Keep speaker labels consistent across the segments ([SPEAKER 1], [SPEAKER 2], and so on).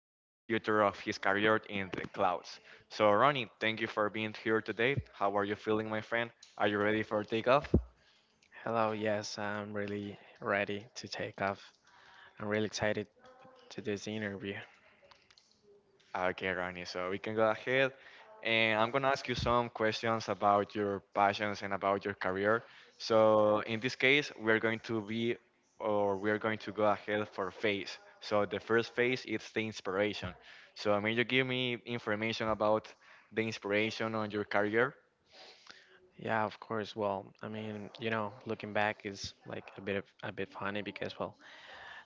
[SPEAKER 1] and the future of his career in the clouds. So, Ronnie, thank you for being here today. How are you feeling, my friend? Are you ready for takeoff?
[SPEAKER 2] Hello, yes, I'm really ready to take off. I'm really excited to this interview.
[SPEAKER 1] Okay, Ronnie, so we can go ahead. And I'm going to ask you some questions about your passions and about your career. So, in this case, we're going to be or we're going to go ahead for phase. So, the first phase is the inspiration. So, may you give me information about the inspiration on your career?
[SPEAKER 2] Yeah, of course. Well, I mean, you know, looking back is like a bit funny because well,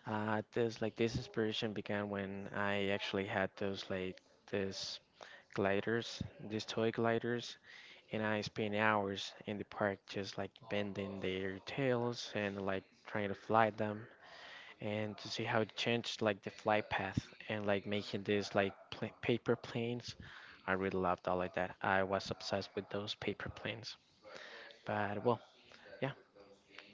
[SPEAKER 2] this inspiration began when I actually had those like these gliders, these toy gliders, and I spent hours in the park just like bending their tails and like trying to fly them. And to see how it changed like the flight path and like making these like pla paper planes. I really loved all of that. I was obsessed with those paper planes. But well, yeah.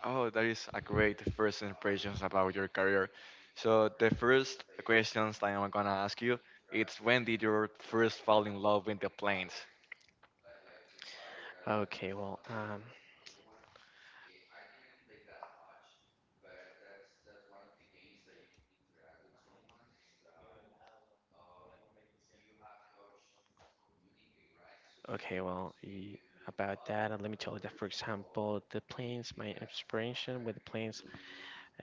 [SPEAKER 1] Oh, that is a great first impressions about your career. So, the first questions that I'm going to ask you it's when did you first fall in love with the planes?
[SPEAKER 2] Okay, well, um, okay, well, y- about that, let me tell you that, for example, the planes, my inspiration with the planes,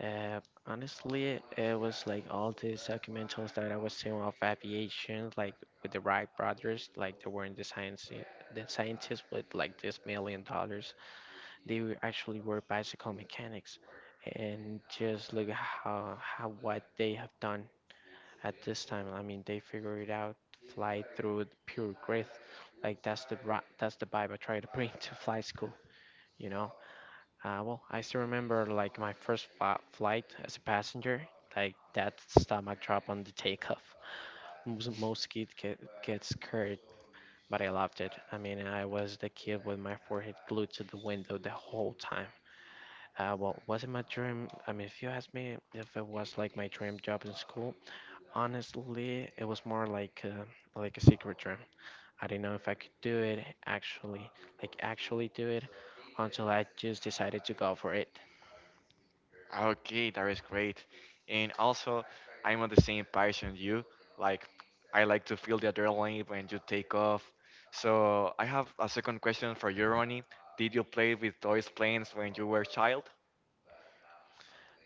[SPEAKER 2] uh, honestly, it was like all these documentaries that I was seeing of aviation, like with the Wright brothers. Like they were in the science, the scientists with like this $1 million. They were actually were bicycle mechanics, and just look at how what they have done at this time. I mean, they figured out fly through it pure grit. Like that's the vibe I try to bring to fly school. You know, well, I still remember like my flight as a passenger. Like that stomach drop on the takeoff. Most kids get scared, but I loved it. I mean, I was the kid with my forehead glued to the window the whole time. Well, was it my dream? I mean, if you ask me if it was like my dream job in school, honestly, it was more like like a secret dream. I didn't know if I could do it actually, like actually do it, until I just decided to go for it.
[SPEAKER 1] Okay, that is great. And also, I'm on the same passion you. Like, I like to feel the adrenaline when you take off. So I have a second question for you, Ronnie. Did you play with toys planes when you were a child?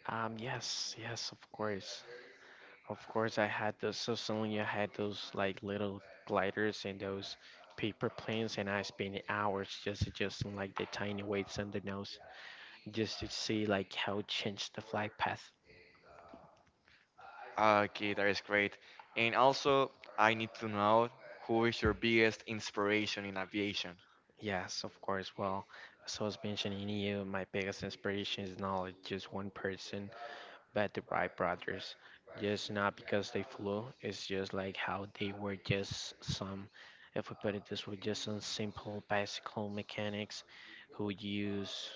[SPEAKER 2] Yes, of course, of course. I had those. So suddenly, I had those like little gliders and those paper planes, and I spent hours just adjusting like the tiny weights on the nose, just to see like how it changed the flight path.
[SPEAKER 1] Okay, that is great. And also, I need to know who is your biggest inspiration in aviation?
[SPEAKER 2] Yes, of course. Well, as I was mentioning you, my biggest inspiration is not like just one person, but the Wright brothers. Just not because they flew, it's just like how they were just some, if we put it this way, just some simple bicycle mechanics who use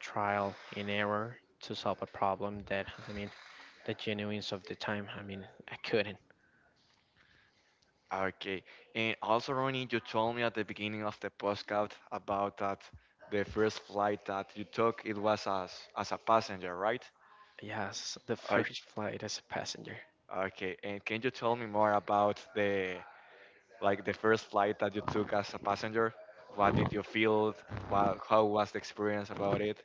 [SPEAKER 2] trial and error to solve a problem that, I mean, the genuines of the time, I mean, I couldn't.
[SPEAKER 1] Okay. And also, Ronnie, you told me at the beginning of the postcard about that the first flight that you took, it was as a passenger, right?
[SPEAKER 2] Yes, the
[SPEAKER 1] I,
[SPEAKER 2] first flight as a passenger.
[SPEAKER 1] okay, and can you tell me more about the like the first flight that you took as a passenger? What did you feel? What, how was the experience about it?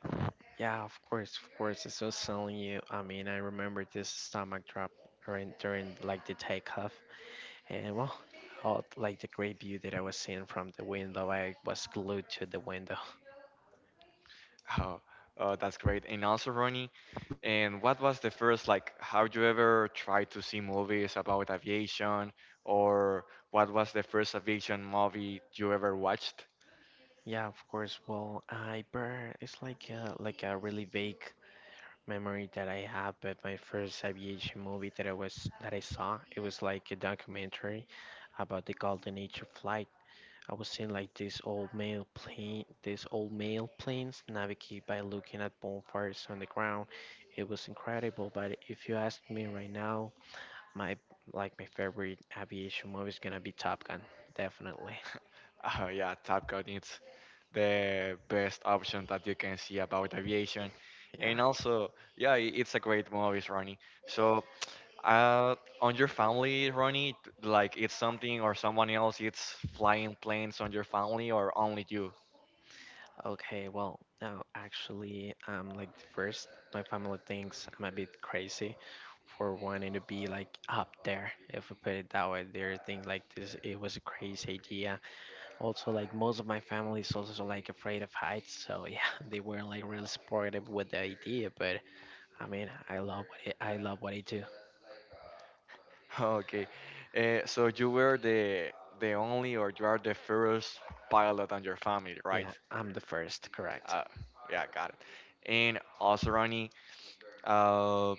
[SPEAKER 2] Yeah, of course, of course. It's so selling you. I mean, I remember this stomach drop during like the takeoff, and well, all, like the great view that I was seeing from the window, I was glued to the window.
[SPEAKER 1] Oh, oh, that's great. And also, Ronnie, and what was the first like? How you ever tried to see movies about aviation, or what was the first aviation movie you ever watched?
[SPEAKER 2] Yeah, of course. Well, I burn. It's like like a really vague memory that I have, but my first aviation movie that I saw, it was like a documentary about the golden age of flight. I was seeing like this old male plane, this old male planes navigate by looking at bonfires on the ground. It was incredible, but if you ask me right now, my my favorite aviation movie is gonna be Top Gun, definitely.
[SPEAKER 1] Oh yeah, Top Gun is the best option that you can see about aviation,
[SPEAKER 2] Yeah.
[SPEAKER 1] and also yeah, it's a great movie, Ronnie. So, uh, on your family, Ronnie, like it's something or someone else, it's flying planes on your family or only you?
[SPEAKER 2] Okay. Well, now actually, like first, my family thinks I'm a bit crazy for wanting to be like up there. If we put it that way, they think like this. It was a crazy idea. Also, like most of my family is also like afraid of heights, so yeah, they weren't like really supportive with the idea. But I mean, I love what I do.
[SPEAKER 1] Okay, so you were the only or you are the first pilot on your family, right?
[SPEAKER 2] Yeah, I'm the first, correct?
[SPEAKER 1] Uh, yeah, got it. And also, Ronnie, uh,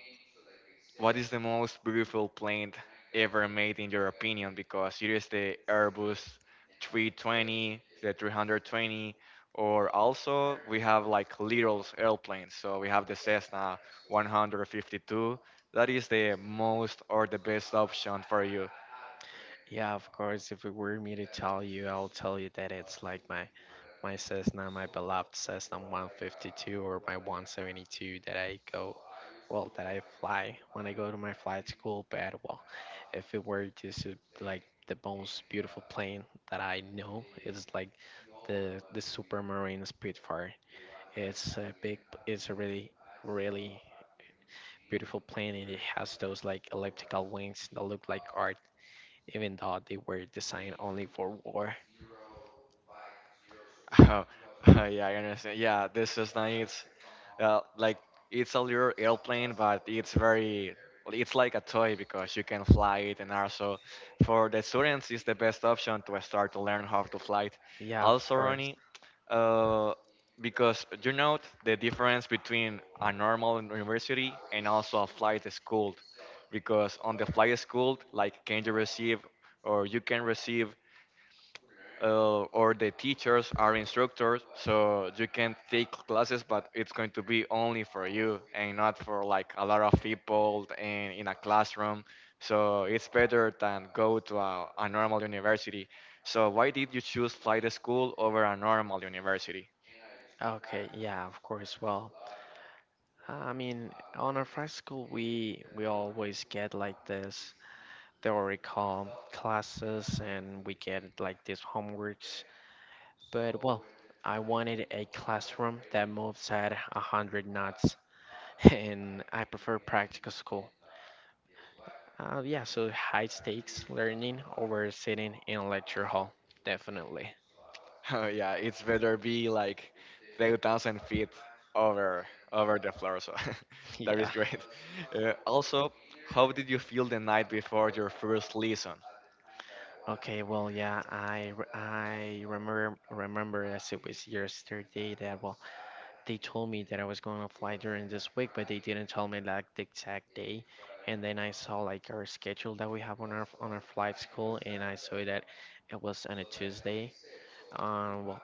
[SPEAKER 1] what is the most beautiful plane ever made in your opinion? Because it is the Airbus 320, the 320, or also we have like little airplanes. So we have the Cessna 152. That is the most or the best option for you.
[SPEAKER 2] Yeah, of course. If it were me to tell you, I'll tell you that it's like my Cessna, my beloved Cessna 152 or my 172 that I go, well, that I fly when I go to my flight school. But well, if it were just like the most beautiful plane that I know, it's like the Supermarine Spitfire. It's a big, it's a really, really beautiful plane, and it has those like elliptical wings that look like art, even though they were designed only for war.
[SPEAKER 1] Yeah, I understand. Yeah, the Cessna is like it's a little airplane, but it's very well, it's like a toy because you can fly it, and also for the students, it's the best option to start to learn how to fly it.
[SPEAKER 2] Yeah, of
[SPEAKER 1] Also,
[SPEAKER 2] course.
[SPEAKER 1] Ronnie, uh, because you know the difference between a normal university and also a flight school, because on the flight school, like can you receive or you can receive or the teachers are instructors, so you can take classes, but it's going to be only for you and not for like a lot of people in a classroom. So it's better than go to a normal university. So why did you choose flight school over a normal university?
[SPEAKER 2] Okay, yeah, of course. Well, I mean, on our flight school, we always get like this theoretical classes, and we get like these homeworks. But well, I wanted a classroom that moves at 100 knots and I prefer practical school. Yeah, so high stakes learning over sitting in a lecture hall, definitely.
[SPEAKER 1] Yeah, it's better be like 3,000 feet over over the floor. So that is
[SPEAKER 2] Yeah.
[SPEAKER 1] great. Also, how did you feel the night before your first lesson?
[SPEAKER 2] Okay. Well, yeah. I remember as it was yesterday that well they told me that I was going to fly during this week, but they didn't tell me like the exact day. And then I saw like our schedule that we have on our flight school, and I saw that it was on a Tuesday. Well,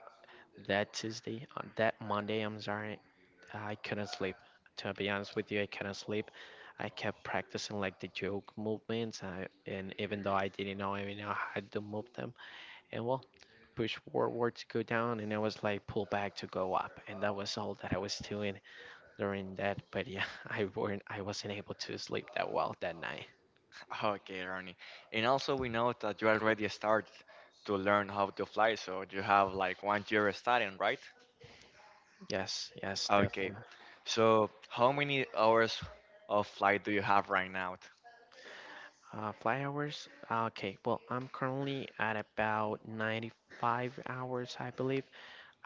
[SPEAKER 2] that Tuesday, on that Monday, I'm sorry, I couldn't sleep. To be honest with you, I couldn't sleep. I kept practicing like the joke movements, and even though I didn't know, I know how to move them, and well, push forward to go down, and I was like pull back to go up, and that was all that I was doing during that. But yeah, I wasn't able to sleep that well that night.
[SPEAKER 1] Okay, Ronnie. And also, we know that you already started to learn how to fly, so you have like one year studying, right?
[SPEAKER 2] Yes, yes,
[SPEAKER 1] Okay.
[SPEAKER 2] definitely.
[SPEAKER 1] So, how many hours of flight do you have right now?
[SPEAKER 2] Flight hours. Okay, well, I'm currently at about 95 hours, I believe.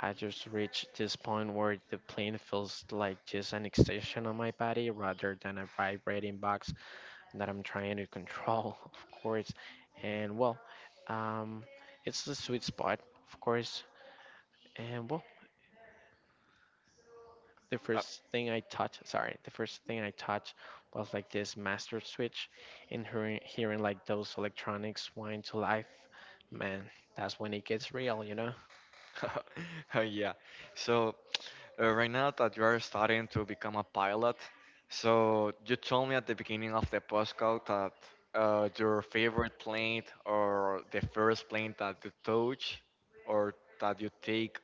[SPEAKER 2] I just reached this point where the plane feels like just an extension of my body rather than a vibrating box that I'm trying to control, of course. And well, um, it's the sweet spot, of course. And well,
[SPEAKER 1] Uh,
[SPEAKER 2] the first thing I touched was like this master switch and hearing like those electronics whine to life. Man, that's when it gets real, you know?
[SPEAKER 1] yeah. So, right now that you are starting to become a pilot, so you told me at the beginning of the postcode that your favorite plane or the first plane that you touch or that you take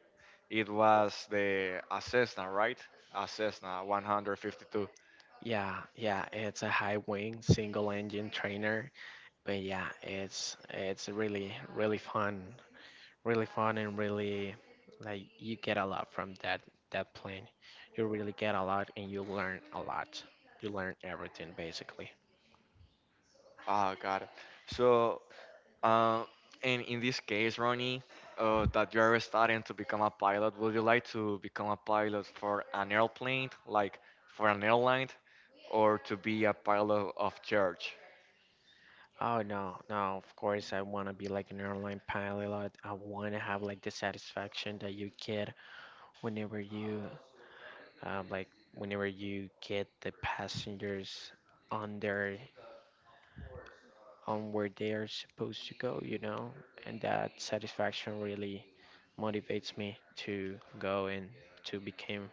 [SPEAKER 1] it was the a Cessna, right? A Cessna 152.
[SPEAKER 2] Yeah, yeah, it's a high wing single engine trainer. But yeah, it's really really fun, and really like you get a lot from that plane. You really get a lot, and you learn a lot. You learn everything basically.
[SPEAKER 1] Oh God. So, uh, and in this case, Ronnie, that you are starting to become a pilot, would you like to become a pilot for an airplane, like for an airline, or to be a pilot of church?
[SPEAKER 2] Oh no, no, of course I wanna be like an airline pilot. I wanna have like the satisfaction that you get whenever you like whenever you get the passengers on their on where they are supposed to go, you know, and that satisfaction really motivates me to go and to become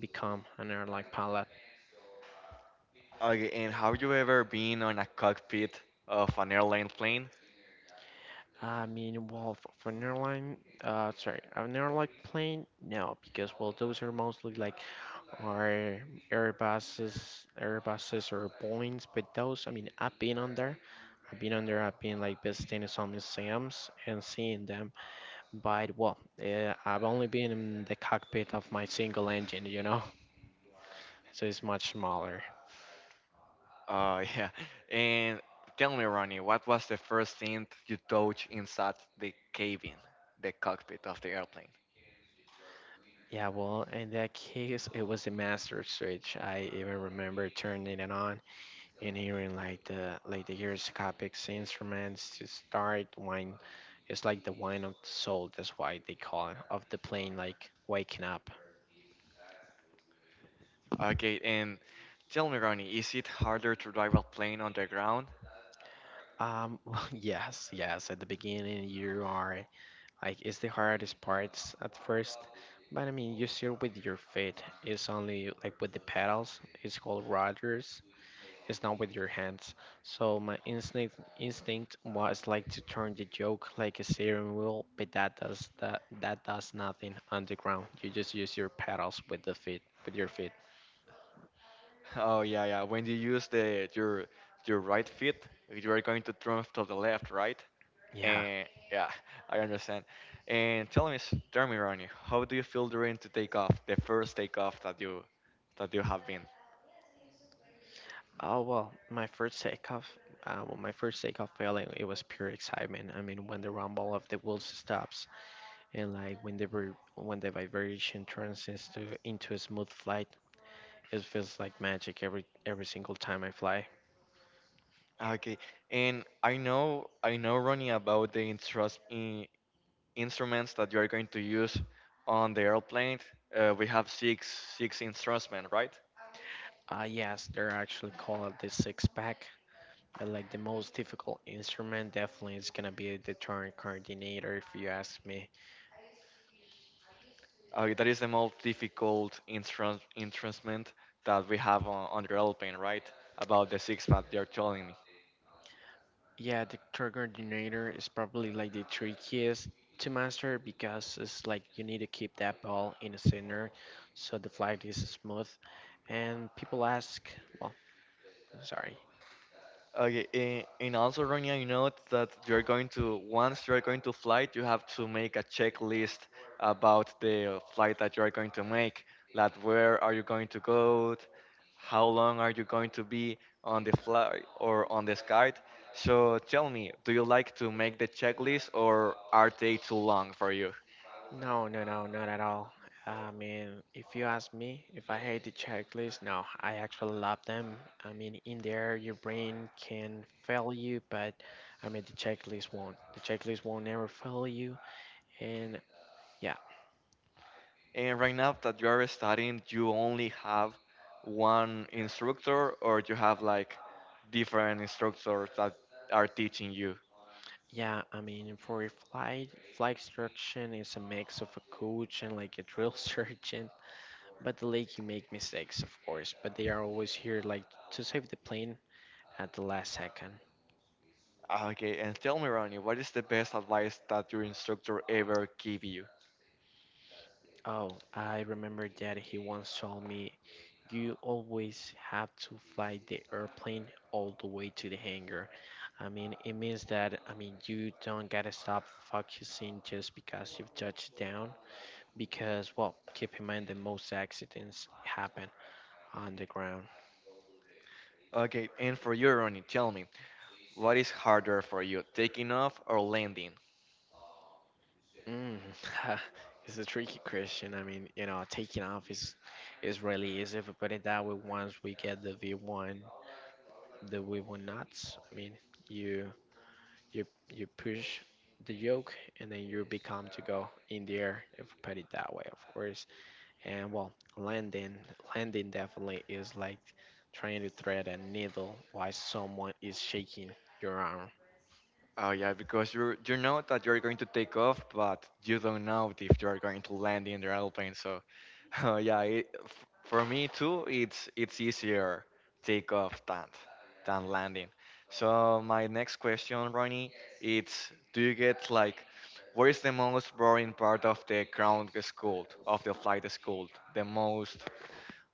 [SPEAKER 2] become an airline pilot.
[SPEAKER 1] Okay, and have you ever been on a cockpit of an airline plane?
[SPEAKER 2] I mean, well, for an airline, an airline plane, no, because well, those are mostly like our Airbuses or Boeings, but those, I mean, I've been on there. I've been on there. I've been like visiting some museums and seeing them. But well, I've only been in the cockpit of my single engine, you know, so it's much smaller.
[SPEAKER 1] Oh yeah. And tell me, Ronnie, what was the first thing you touched inside the cabin, the cockpit of the airplane?
[SPEAKER 2] Yeah, well, in that case, it was the master switch. I even remember turning it on and hearing like the gyroscopic instruments to start whine. It's like the whine of the soul. That's why they call it of the plane like waking up.
[SPEAKER 1] Okay, and tell me, Ronnie, is it harder to drive a plane on the ground?
[SPEAKER 2] Um, yes, yes. At the beginning, you are like it's the hardest parts at first, but I mean you steer with your feet. It's only like with the pedals. It's called rotors. It's not with your hands. So my instinct was like to turn the yoke like a steering wheel, but that does nothing on the ground. You just use your pedals with the feet with your feet.
[SPEAKER 1] Oh yeah, yeah. When you use the your right foot, you are going to turn to the left, right?
[SPEAKER 2] Yeah.
[SPEAKER 1] And yeah, I understand. And tell me, tell me, Ronnie, how do you feel during the takeoff, the first takeoff that you have been?
[SPEAKER 2] Oh well, my first takeoff, well, my first takeoff failing, it was pure excitement. I mean, when the rumble of the wheels stops and like when when the vibration turns into a smooth flight, it feels like magic every single time I fly.
[SPEAKER 1] Okay, and I know Ronnie about the instrus- in instruments that you are going to use on the airplane. We have six six instruments, right?
[SPEAKER 2] Ah, yes, they're actually called the six pack. But like the most difficult instrument definitely is gonna be the turn coordinator if you ask me.
[SPEAKER 1] Okay, that is the most difficult instrument that we have on the airplane, right? About the six that you're telling me.
[SPEAKER 2] Yeah, the turn coordinator is probably like the trickiest to master because it's like you need to keep that ball in the center so the flight is smooth. And people ask, well, sorry,
[SPEAKER 1] Okay, and also, Ronya, you know that you're going to once you're going to flight, you have to make a checklist about the flight that you're going to make. Like, where are you going to go? How long are you going to be on the flight or on the sky? So tell me, do you like to make the checklist or are they too long for you?
[SPEAKER 2] no, no, no, not at all. I mean, if you ask me if I hate the checklist, no, I actually love them. I mean, in there, your brain can fail you, but I mean, the checklist won't. The checklist won't ever fail you. And yeah,
[SPEAKER 1] And right now that you are studying, you only have one instructor, or you have like different instructors that are teaching you.
[SPEAKER 2] yeah, I mean, for a flight, flight instruction is a mix of a coach and like a drill sergeant, but the like you make mistakes, of course, but they are always here like to save the plane at the last second.
[SPEAKER 1] Okay, and tell me, Ronnie, what is the best advice that your instructor ever gave you?
[SPEAKER 2] Oh, I remember that he once told me you always have to fly the airplane all the way to the hangar. I mean, it means that, you don't gotta stop focusing just because you've touched down, because, well, keep in mind that most accidents happen on the ground.
[SPEAKER 1] Okay, and for you, Ronnie, tell me, what is harder for you, taking off or landing?
[SPEAKER 2] Mm, it's a tricky question. I mean, you know, taking off is really easy. If we put it that way, once we get the V1, the V1 knots, I mean, you. you push the yoke and then you become to go in the air if you put it that way, of course. And well, landing landing definitely is like trying to thread a needle while someone is shaking your arm.
[SPEAKER 1] Oh yeah, because you know that you're going to take off, but you don't know if you're going to land in the airplane. So oh yeah, it, for me too, it's easier take off than landing. So my next question, Ronnie, it's do you get like what is the most boring part of the ground school of the flight school? The most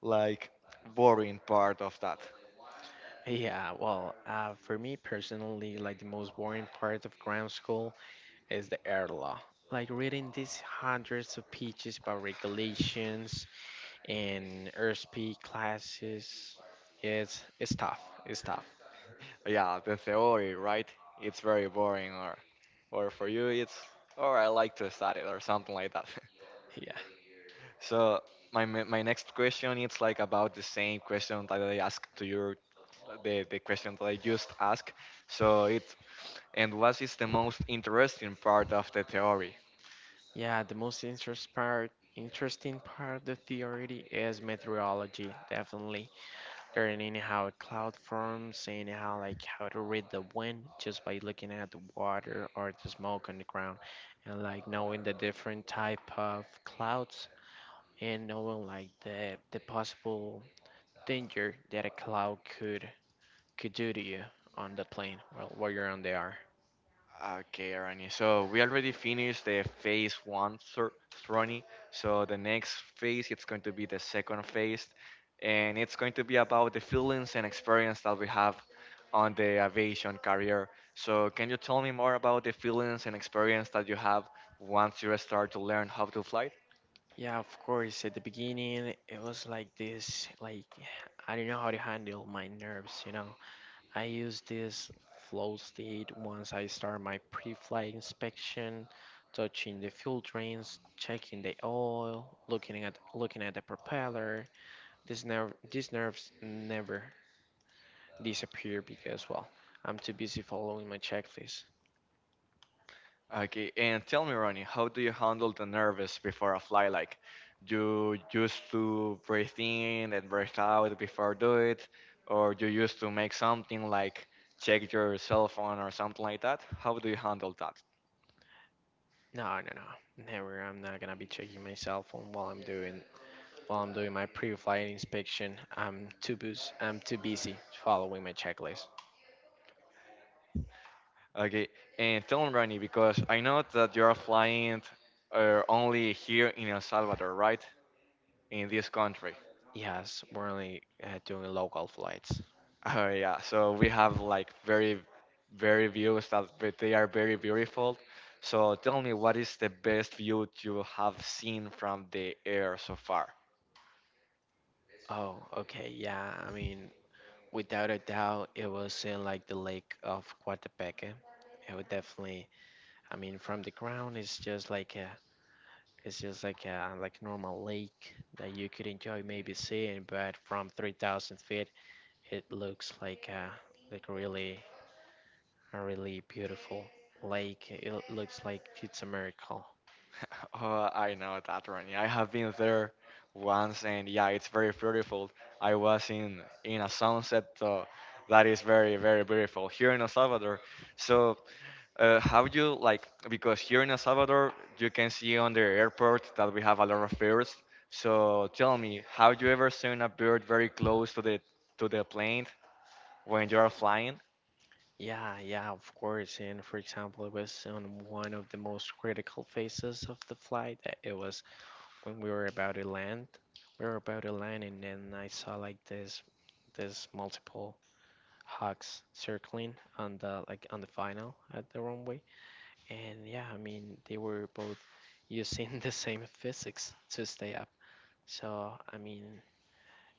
[SPEAKER 1] like boring part of that?
[SPEAKER 2] Yeah, well, for me personally, like the most boring part of ground school is the air law. Like reading these hundreds of pages about regulations and airspeed classes, it's tough. It's tough.
[SPEAKER 1] Yeah, the theory, right? It's very boring, or for you, it's or I like to study or something like that.
[SPEAKER 2] Yeah.
[SPEAKER 1] So my next question it's like about the same question that I asked to your the question that I just asked. So it's and what is the most interesting part of the theory?
[SPEAKER 2] Yeah, the most interesting part of the theory is meteorology, definitely. Learning how a cloud forms, seeing how like how to read the wind just by looking at the water or the smoke on the ground, and like knowing the different type of clouds and knowing like the possible danger that a cloud could do to you on the plane while you're on the air.
[SPEAKER 1] Okay, Arani. So we already finished the phase one, Sir Ronnie. So the next phase, it's going to be the second phase, and it's going to be about the feelings and experience that we have on the aviation career. So can you tell me more about the feelings and experience that you have once you start to learn how to fly?
[SPEAKER 2] Yeah, of course. At the beginning, it was like this, like I didn't know how to handle my nerves, you know. I used this flow state once I start my pre-flight inspection, touching the fuel drains, checking the oil, looking at the propeller. These nerves never disappear because, well, I'm too busy following my checklist.
[SPEAKER 1] Okay, and tell me, Ronnie, how do you handle the nervous before a fly? Like, do you used to breathe in and breathe out before do it, or do you used to make something like check your cell phone or something like that? How do you handle that?
[SPEAKER 2] No, no, no, never. I'm not gonna be checking my cell phone while I'm doing while I'm doing my pre-flight inspection, I'm too busy following my checklist.
[SPEAKER 1] Okay, and tell me, Ronnie, because I know that you are flying only here in El Salvador, right? In this country.
[SPEAKER 2] Yes, we're only doing local flights.
[SPEAKER 1] Oh yeah, so we have like very, very views that they are very beautiful. So tell me, what is the best view you have seen from the air so far?
[SPEAKER 2] Oh, okay, yeah. I mean, without a doubt, it was in like the lake of Coatepeque. It would definitely. I mean, from the ground, it's just like a like normal lake that you could enjoy maybe seeing, but from 3,000 feet, it looks like a like really a really beautiful lake. It looks like it's a miracle.
[SPEAKER 1] Oh, I know that one. Yeah, I have been there once, and yeah, it's very beautiful. I was in a sunset, so that is very, very beautiful here in El Salvador. So how you like because here in El Salvador you can see on the airport that we have a lot of birds. So tell me, have you ever seen a bird very close to the plane when you are flying?
[SPEAKER 2] Yeah, yeah, of course. And for example, it was on one of the most critical phases of the flight. It was when we were about to land. We were about to land, and then I saw like this multiple hawks circling on the on the final at the runway. And yeah, I mean they were both using the same physics to stay up. So I mean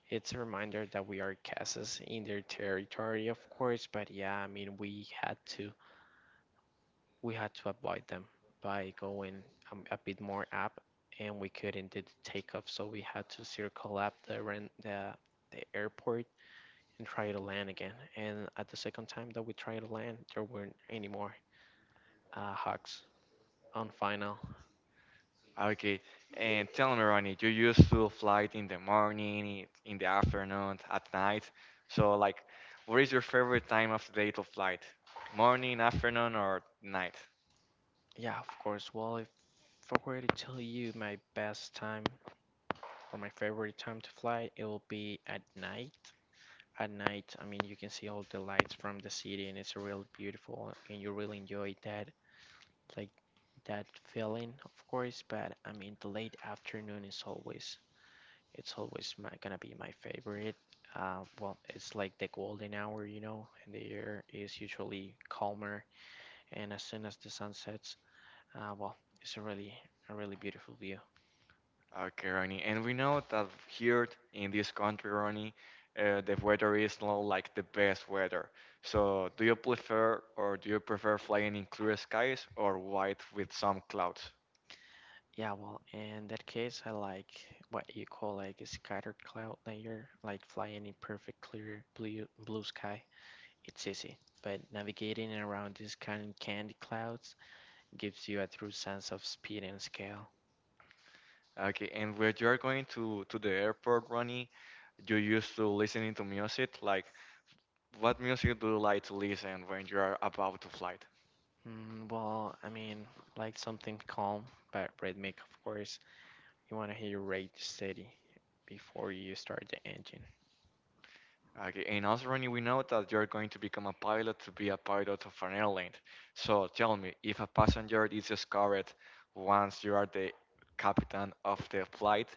[SPEAKER 2] it's a reminder that we are castles in their territory, of course, but yeah, I mean, we had to avoid them by going a bit more up, and we couldn't do the takeoff, so we had to circle up the the airport and try to land again. And at the second time that we tried to land, there weren't any more hugs on final.
[SPEAKER 1] Okay, and tell me, Ronnie, you used to fly in the morning, in the afternoon, at night. So like, what is your favorite time of the day to flight? Morning, afternoon, or night?
[SPEAKER 2] Yeah, of course. Well, if I were to tell you my best time or my favorite time to fly, it will be at night at night. I mean, you can see all the lights from the city, and it's real beautiful, and you really enjoy that, like that feeling, of course. But I mean, the late afternoon is always gonna be my favorite. Well, it's like the golden hour, you know, and the air is usually calmer. And as soon as the sun sets, well, it's a really beautiful view.
[SPEAKER 1] Okay, Ronnie. And we know that here in this country, Ronnie, the weather is not like the best weather. So, do you prefer or do you prefer flying in clear skies or white with some clouds?
[SPEAKER 2] Yeah, well, in that case, I like what you call like a scatter cloud layer, like flying in perfect clear blue sky. It's easy, but navigating around these kind of candy clouds gives you a true sense of speed and scale.
[SPEAKER 1] Okay, and when you're going to the airport, Ronnie, you used to listening to music. Like, what music do you like to listen when you are about to flight?
[SPEAKER 2] Mm, well, I mean, like something calm but rhythmic, of course. You want to hear your rate steady before you start the engine.
[SPEAKER 1] Okay, and also, Ronnie, we know that you're going to become a pilot to be a pilot of an airline. So tell me, if a passenger is discovered once you are the captain of the flight,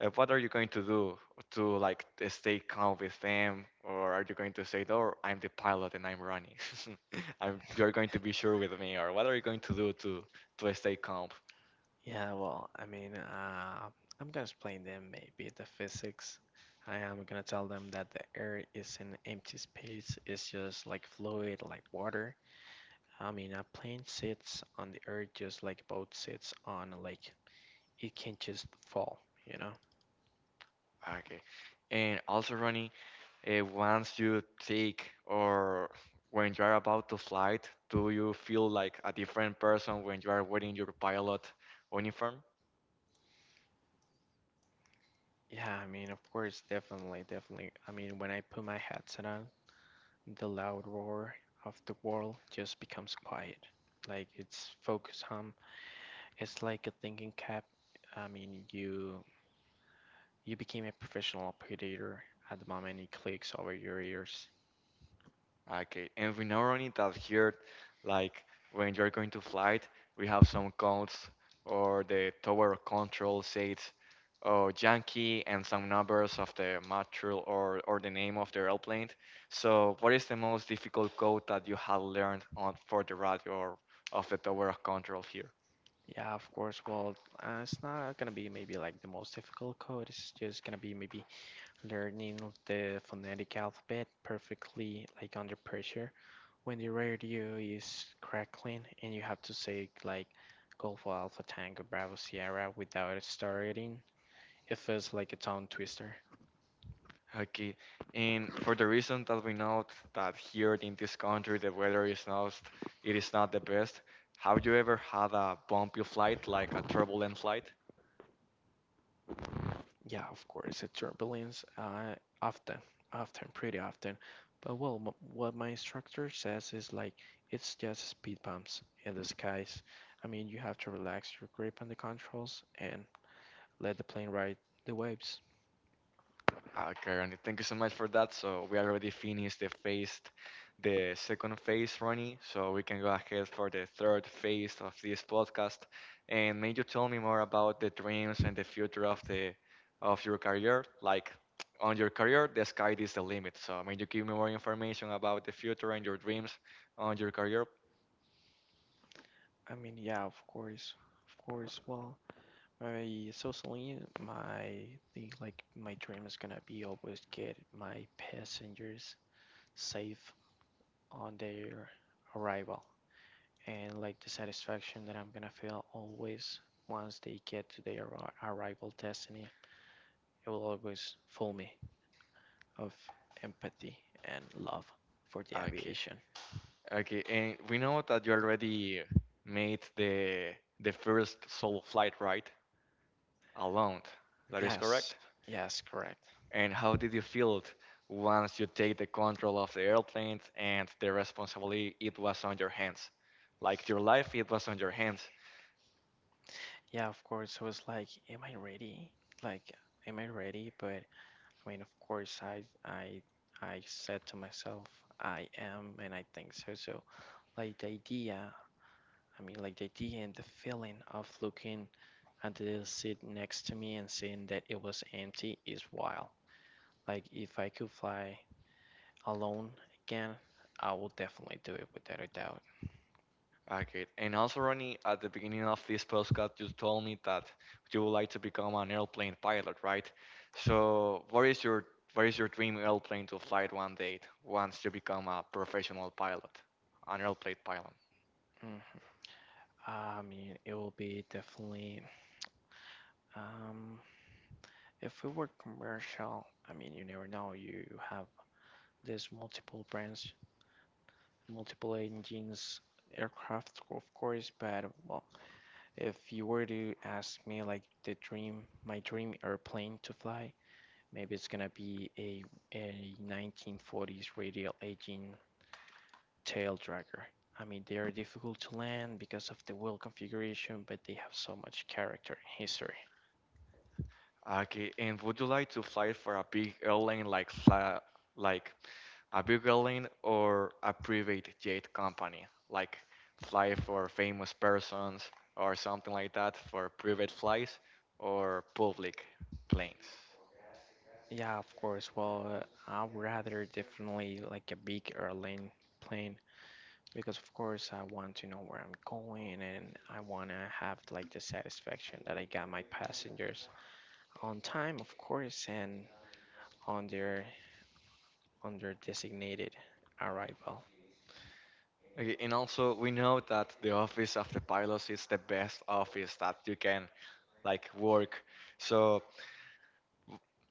[SPEAKER 1] what are you going to do to like stay calm with them, or are you going to say, "Oh, I'm the pilot and I'm Ronnie. You're going to be sure with me," or what are you going to do to stay calm?
[SPEAKER 2] Yeah, well, I mean, I'm gonna explain them maybe the physics. I am gonna tell them that the air is an empty space. It's just like fluid, like water. I mean, a plane sits on the earth just like a boat sits on a lake. It can't just fall, you know?
[SPEAKER 1] Okay, and also, Ronnie, once you take or when you are about to flight, do you feel like a different person when you are wearing your pilot uniform?
[SPEAKER 2] Yeah, I mean, of course, definitely, definitely. I mean, when I put my headset on, the loud roar of the world just becomes quiet. Like it's focused on. It's like a thinking cap. I mean, you You became a professional predator at the moment it clicks over your ears.
[SPEAKER 1] Okay, and we not only that here, like when you're going to flight, we have some codes or the tower control says oh Yankee and some numbers of the material or the name of the airplane. So what is the most difficult code that you have learned on for the radio or of the tower of control here?
[SPEAKER 2] Yeah, of course. Well, it's not gonna be maybe like the most difficult code. It's just gonna be maybe learning the phonetic alphabet perfectly, like under pressure. When the radio is crackling and you have to say like Golfo Alpha Tango Bravo Sierra without it starting, it feels like a tongue twister.
[SPEAKER 1] Okay, and for the reason that we know that here in this country the weather is not it is not the best. Have you ever had a bumpy flight, like a turbulent flight?
[SPEAKER 2] Yeah, of course, it's turbulence often, often, pretty often. But well, m what my instructor says is like it's just speed bumps in the skies. I mean, you have to relax your grip on the controls and let the plane ride the waves.
[SPEAKER 1] Okay, Ronnie, thank you so much for that. So we already finished the phase, the second phase, Ronnie. So we can go ahead for the third phase of this podcast. And may you tell me more about the dreams and the future of the of your career? Like on your career, the sky is the limit. So may you give me more information about the future and your dreams on your career?
[SPEAKER 2] I mean, yeah, of course, of course. Well, my thing, like my dream is gonna be always get my passengers safe on their arrival, and like the satisfaction that I'm gonna feel always once they get to their arrival destiny. It will always fill me of empathy and love for the
[SPEAKER 1] Okay.
[SPEAKER 2] aviation.
[SPEAKER 1] Okay, and we know that you already made the first solo flight, right? Alone. That is
[SPEAKER 2] Yes,
[SPEAKER 1] correct?
[SPEAKER 2] yes, correct.
[SPEAKER 1] And how did you feel it once you take the control of the airplane and the responsibility it was on your hands? Like your life, it was on your hands.
[SPEAKER 2] Yeah, of course. I was like, am I ready? Like, am I ready? But I mean, of course, I said to myself, I am, and I think so. So, like, the idea I mean, like the idea and the feeling of looking at the seat next to me and seeing that it was empty is wild. Like, if I could fly alone again, I would definitely do it without a doubt.
[SPEAKER 1] Okay. And also, Ronnie, at the beginning of this postcard, you told me that you would like to become an airplane pilot, right? So, what is your dream airplane to fly one day once you become a professional pilot, an airplane pilot?
[SPEAKER 2] Hmm. I mean, it will be definitely, um, if we were commercial, I mean, you never know. You have these multiple brands, multiple engines, aircraft, of course, but well, if you were to ask me like the dream, my dream airplane to fly, maybe it's gonna be a 1940s radial aging tail dragger. I mean, they are difficult to land because of the wheel configuration, but they have so much character and history.
[SPEAKER 1] Okay, and would you like to fly for a big airline like like a big airline or a private jet company? Like fly for famous persons or something like that for private flights or public planes?
[SPEAKER 2] Yeah, of course. Well, I'd rather definitely like a big airline plane because of course I want to know where I'm going and I want to have like the satisfaction that I got my passengers on time, of course, and on their on their designated arrival.
[SPEAKER 1] Okay, and also we know that the office of the pilots is the best office that you can like work. So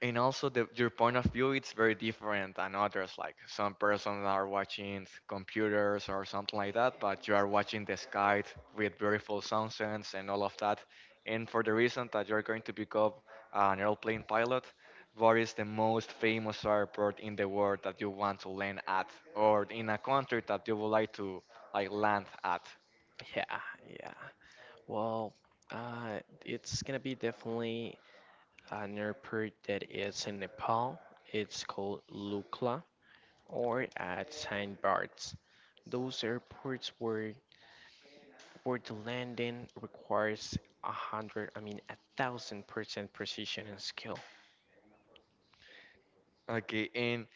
[SPEAKER 1] and also your point of view it's very different than others like some persons are watching computers or something like that but you are watching the sky with beautiful sunsets and all of that and for the reason that you're going to become an airplane pilot what is the most famous airport in the world that you want to land at or in a country that you would like to like land at
[SPEAKER 2] Yeah, yeah. Well, uh, it's gonna be definitely an airport that is in Nepal. It's called Lukla or at Saint Barts. Those airports where the landing requires a hundred, I mean a thousand % precision and skill.
[SPEAKER 1] okay and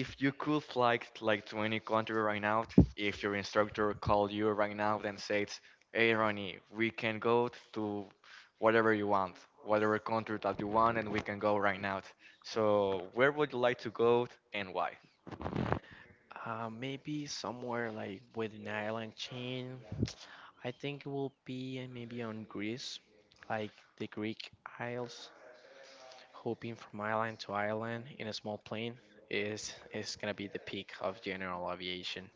[SPEAKER 1] if you could fly like to any country right now, if your instructor called you right now and says, "Hey Ronnie, we can go to whatever you want, whatever country that you want, and we can go right now." So, where would you like to go and why?
[SPEAKER 2] Maybe somewhere like with an island chain. I think it will be maybe on Greece, like the Greek Isles, hopping from island to island in a small plane is gonna be the peak of general aviation.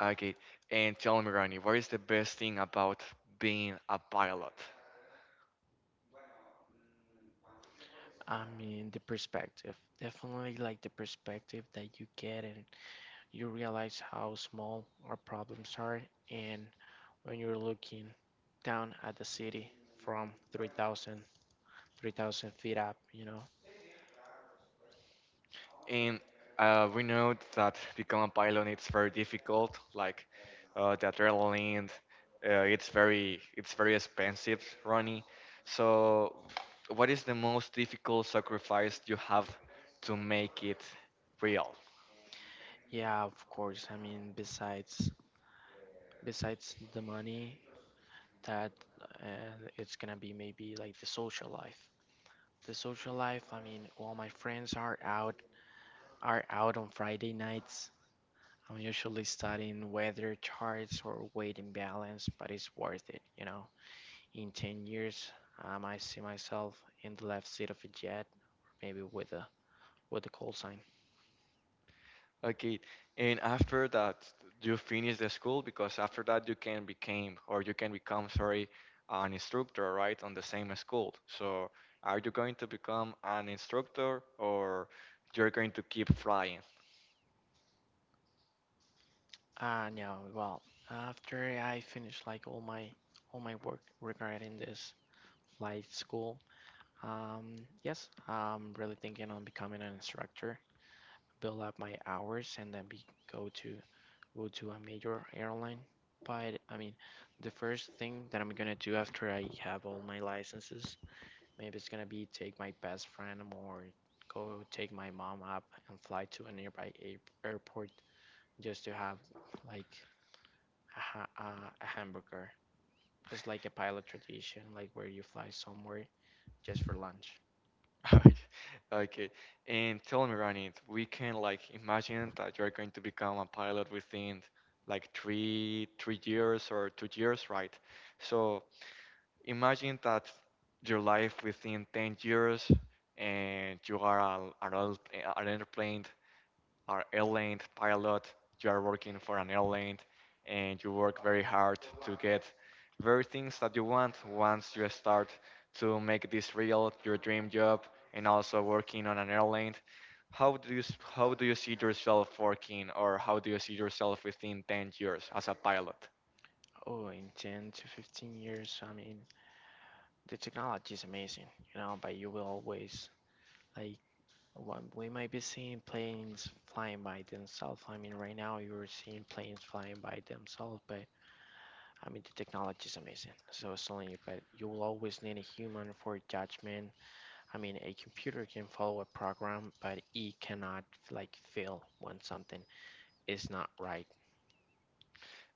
[SPEAKER 1] Okay, and tell me, Ronnie, what is the best thing about being a pilot?
[SPEAKER 2] I mean, the perspective, definitely like the perspective that you get, and you realize how small our problems are, and when you're looking down at the city from 3,000 feet up, you know.
[SPEAKER 1] And we know that become a pilot it's very difficult. Like the adrenaline, it's very expensive running. So, what is the most difficult sacrifice you have to make it real?
[SPEAKER 2] Yeah, of course. I mean, besides the money, that it's gonna be maybe like the social life. The social life. I mean, all my friends are out on Friday nights. I'm usually studying weather charts or weight imbalance, but it's worth it, you know. In 10 years, I might see myself in the left seat of a jet, or maybe with a call sign.
[SPEAKER 1] Okay, and after that, you finish the school because after that you can become or you can become, sorry, an instructor, right, on the same school. So, are you going to become an instructor or you're going to keep flying?
[SPEAKER 2] No, well, after I finished like all my work regarding this flight school, yes, I'm really thinking on becoming an instructor, build up my hours and then be go to go to a major airline. But I mean, the first thing that I'm gonna do after I have all my licenses, maybe it's gonna be take my best friend or go take my mom up and fly to a nearby airport just to have like a, a hamburger. It's like a pilot tradition, like where you fly somewhere just for lunch.
[SPEAKER 1] Okay, and tell me, Ronit, we can like imagine that you're going to become a pilot within like three years or 2 years, right? So, imagine that your life within 10 years and you are an airplane, an airline pilot, you are working for an airline and you work very hard to get very things that you want once you start to make this real, your dream job, and also working on an airline. How do you how do you see yourself working, or how do you see yourself within 10 years as a pilot?
[SPEAKER 2] Oh, in 10 to 15 years, I mean, the technology is amazing, you know, but you will always, like, what we might be seeing planes flying by themselves. I mean, right now you're seeing planes flying by themselves, but I mean, the technology is amazing. So it's telling you, but you will always need a human for judgment. I mean, a computer can follow a program, but it cannot like feel when something it's not right.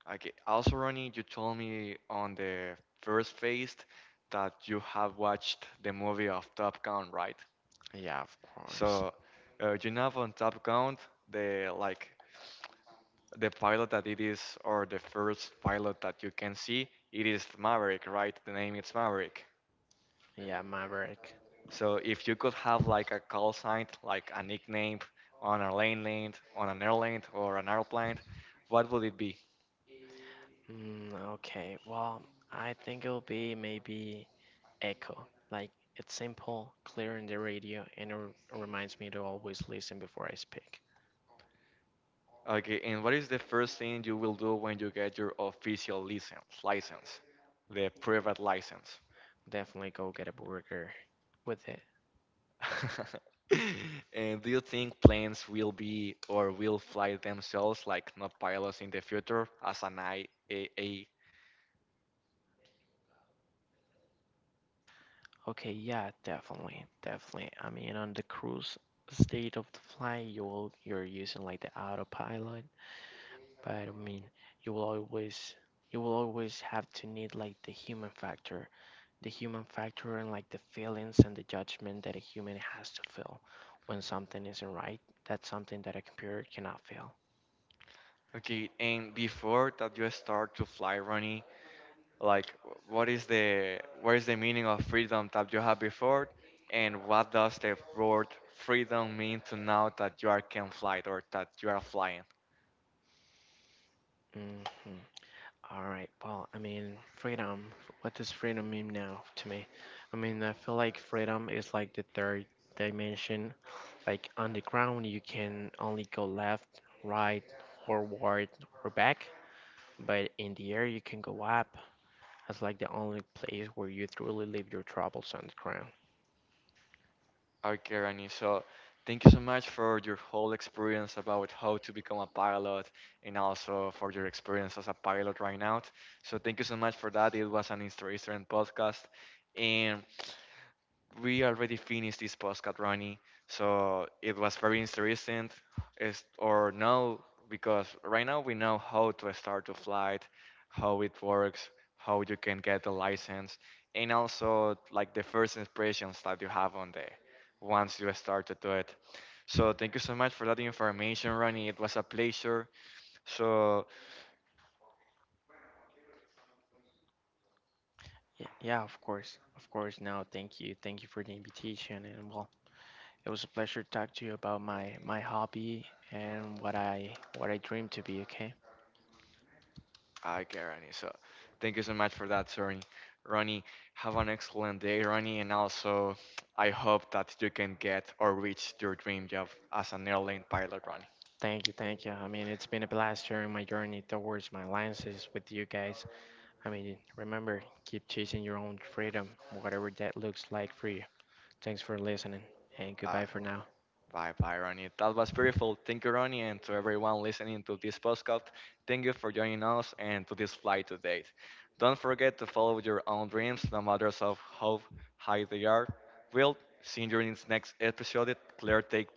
[SPEAKER 1] Okay. Also, Ronnie, you told me on the first phase that you have watched the movie of Top Gun, right?
[SPEAKER 2] Yeah, of course.
[SPEAKER 1] So, you know on Top Gun, the like the pilot that it is, or the first pilot that you can see, it is Maverick, right? The name is Maverick.
[SPEAKER 2] Yeah, Maverick.
[SPEAKER 1] So if you could have like a call sign, like a nickname on a lane lane, on an airlane or an airplane, what would it be?
[SPEAKER 2] Mm, okay, well, I think it'll be maybe Echo. Like, it's simple, clear in the radio, and it reminds me to always listen before I speak.
[SPEAKER 1] Okay, and what is the first thing you will do when you get your official license? License, the private license.
[SPEAKER 2] Definitely go get a burger with it.
[SPEAKER 1] And do you think planes will be or will fly themselves like not pilots in the future as an IAA?
[SPEAKER 2] Okay, yeah, definitely, definitely. I mean, on the cruise state of the flight, you're using like the autopilot, but I mean, you will always you will always have to need like the human factor and like the feelings and the judgment that a human has to feel when something isn't right. That's something that a computer cannot feel.
[SPEAKER 1] Okay, and before that you start to fly, Ronnie, like what is the meaning of freedom that you had before, and what does the word freedom mean to now that you are can fly or that you are flying?
[SPEAKER 2] Hmm. All right. Well, I mean, freedom. What does freedom mean now to me? I mean, I feel like freedom is like the third dimension. Like on the ground, you can only go left, right, forward, or back. But in the air, you can go up. That's like the only place where you truly leave your troubles on the ground.
[SPEAKER 1] Okay, Rani. So thank you so much for your whole experience about how to become a pilot and also for your experience as a pilot right now. So thank you so much for that. It was an interesting podcast. And we already finished this postcard, Ronnie. So it was very interesting, is or no, because right now we know how to start a flight, how it works, how you can get the license, and also like the first impressions that you have on the once you start to do it. So thank you so much for that information, Ronnie. It was a pleasure. So
[SPEAKER 2] Yeah, yeah, of course, of course. No, thank you for the invitation, and well, it was a pleasure to talk to you about my hobby and what I dream to be. Okay,
[SPEAKER 1] okay, Ronnie. So thank you so much for that, Ronnie. Ronnie, have an excellent day, Ronnie, and also I hope that you can get or reach your dream job as an airline pilot, Ronnie.
[SPEAKER 2] thank you, thank you. I mean, it's been a blast sharing my journey towards my alliances with you guys. I mean, remember, keep chasing your own freedom, whatever that looks like for you. Thanks for listening, and
[SPEAKER 1] Uh,
[SPEAKER 2] goodbye for now.
[SPEAKER 1] bye bye, Ronnie. That was beautiful. Thank you, Ronnie, and to everyone listening to this podcast. Thank you for joining us and to this flight to date. Don't forget to follow your own dreams, no matter of how high they are. We'll see you in the next episode. Claire, take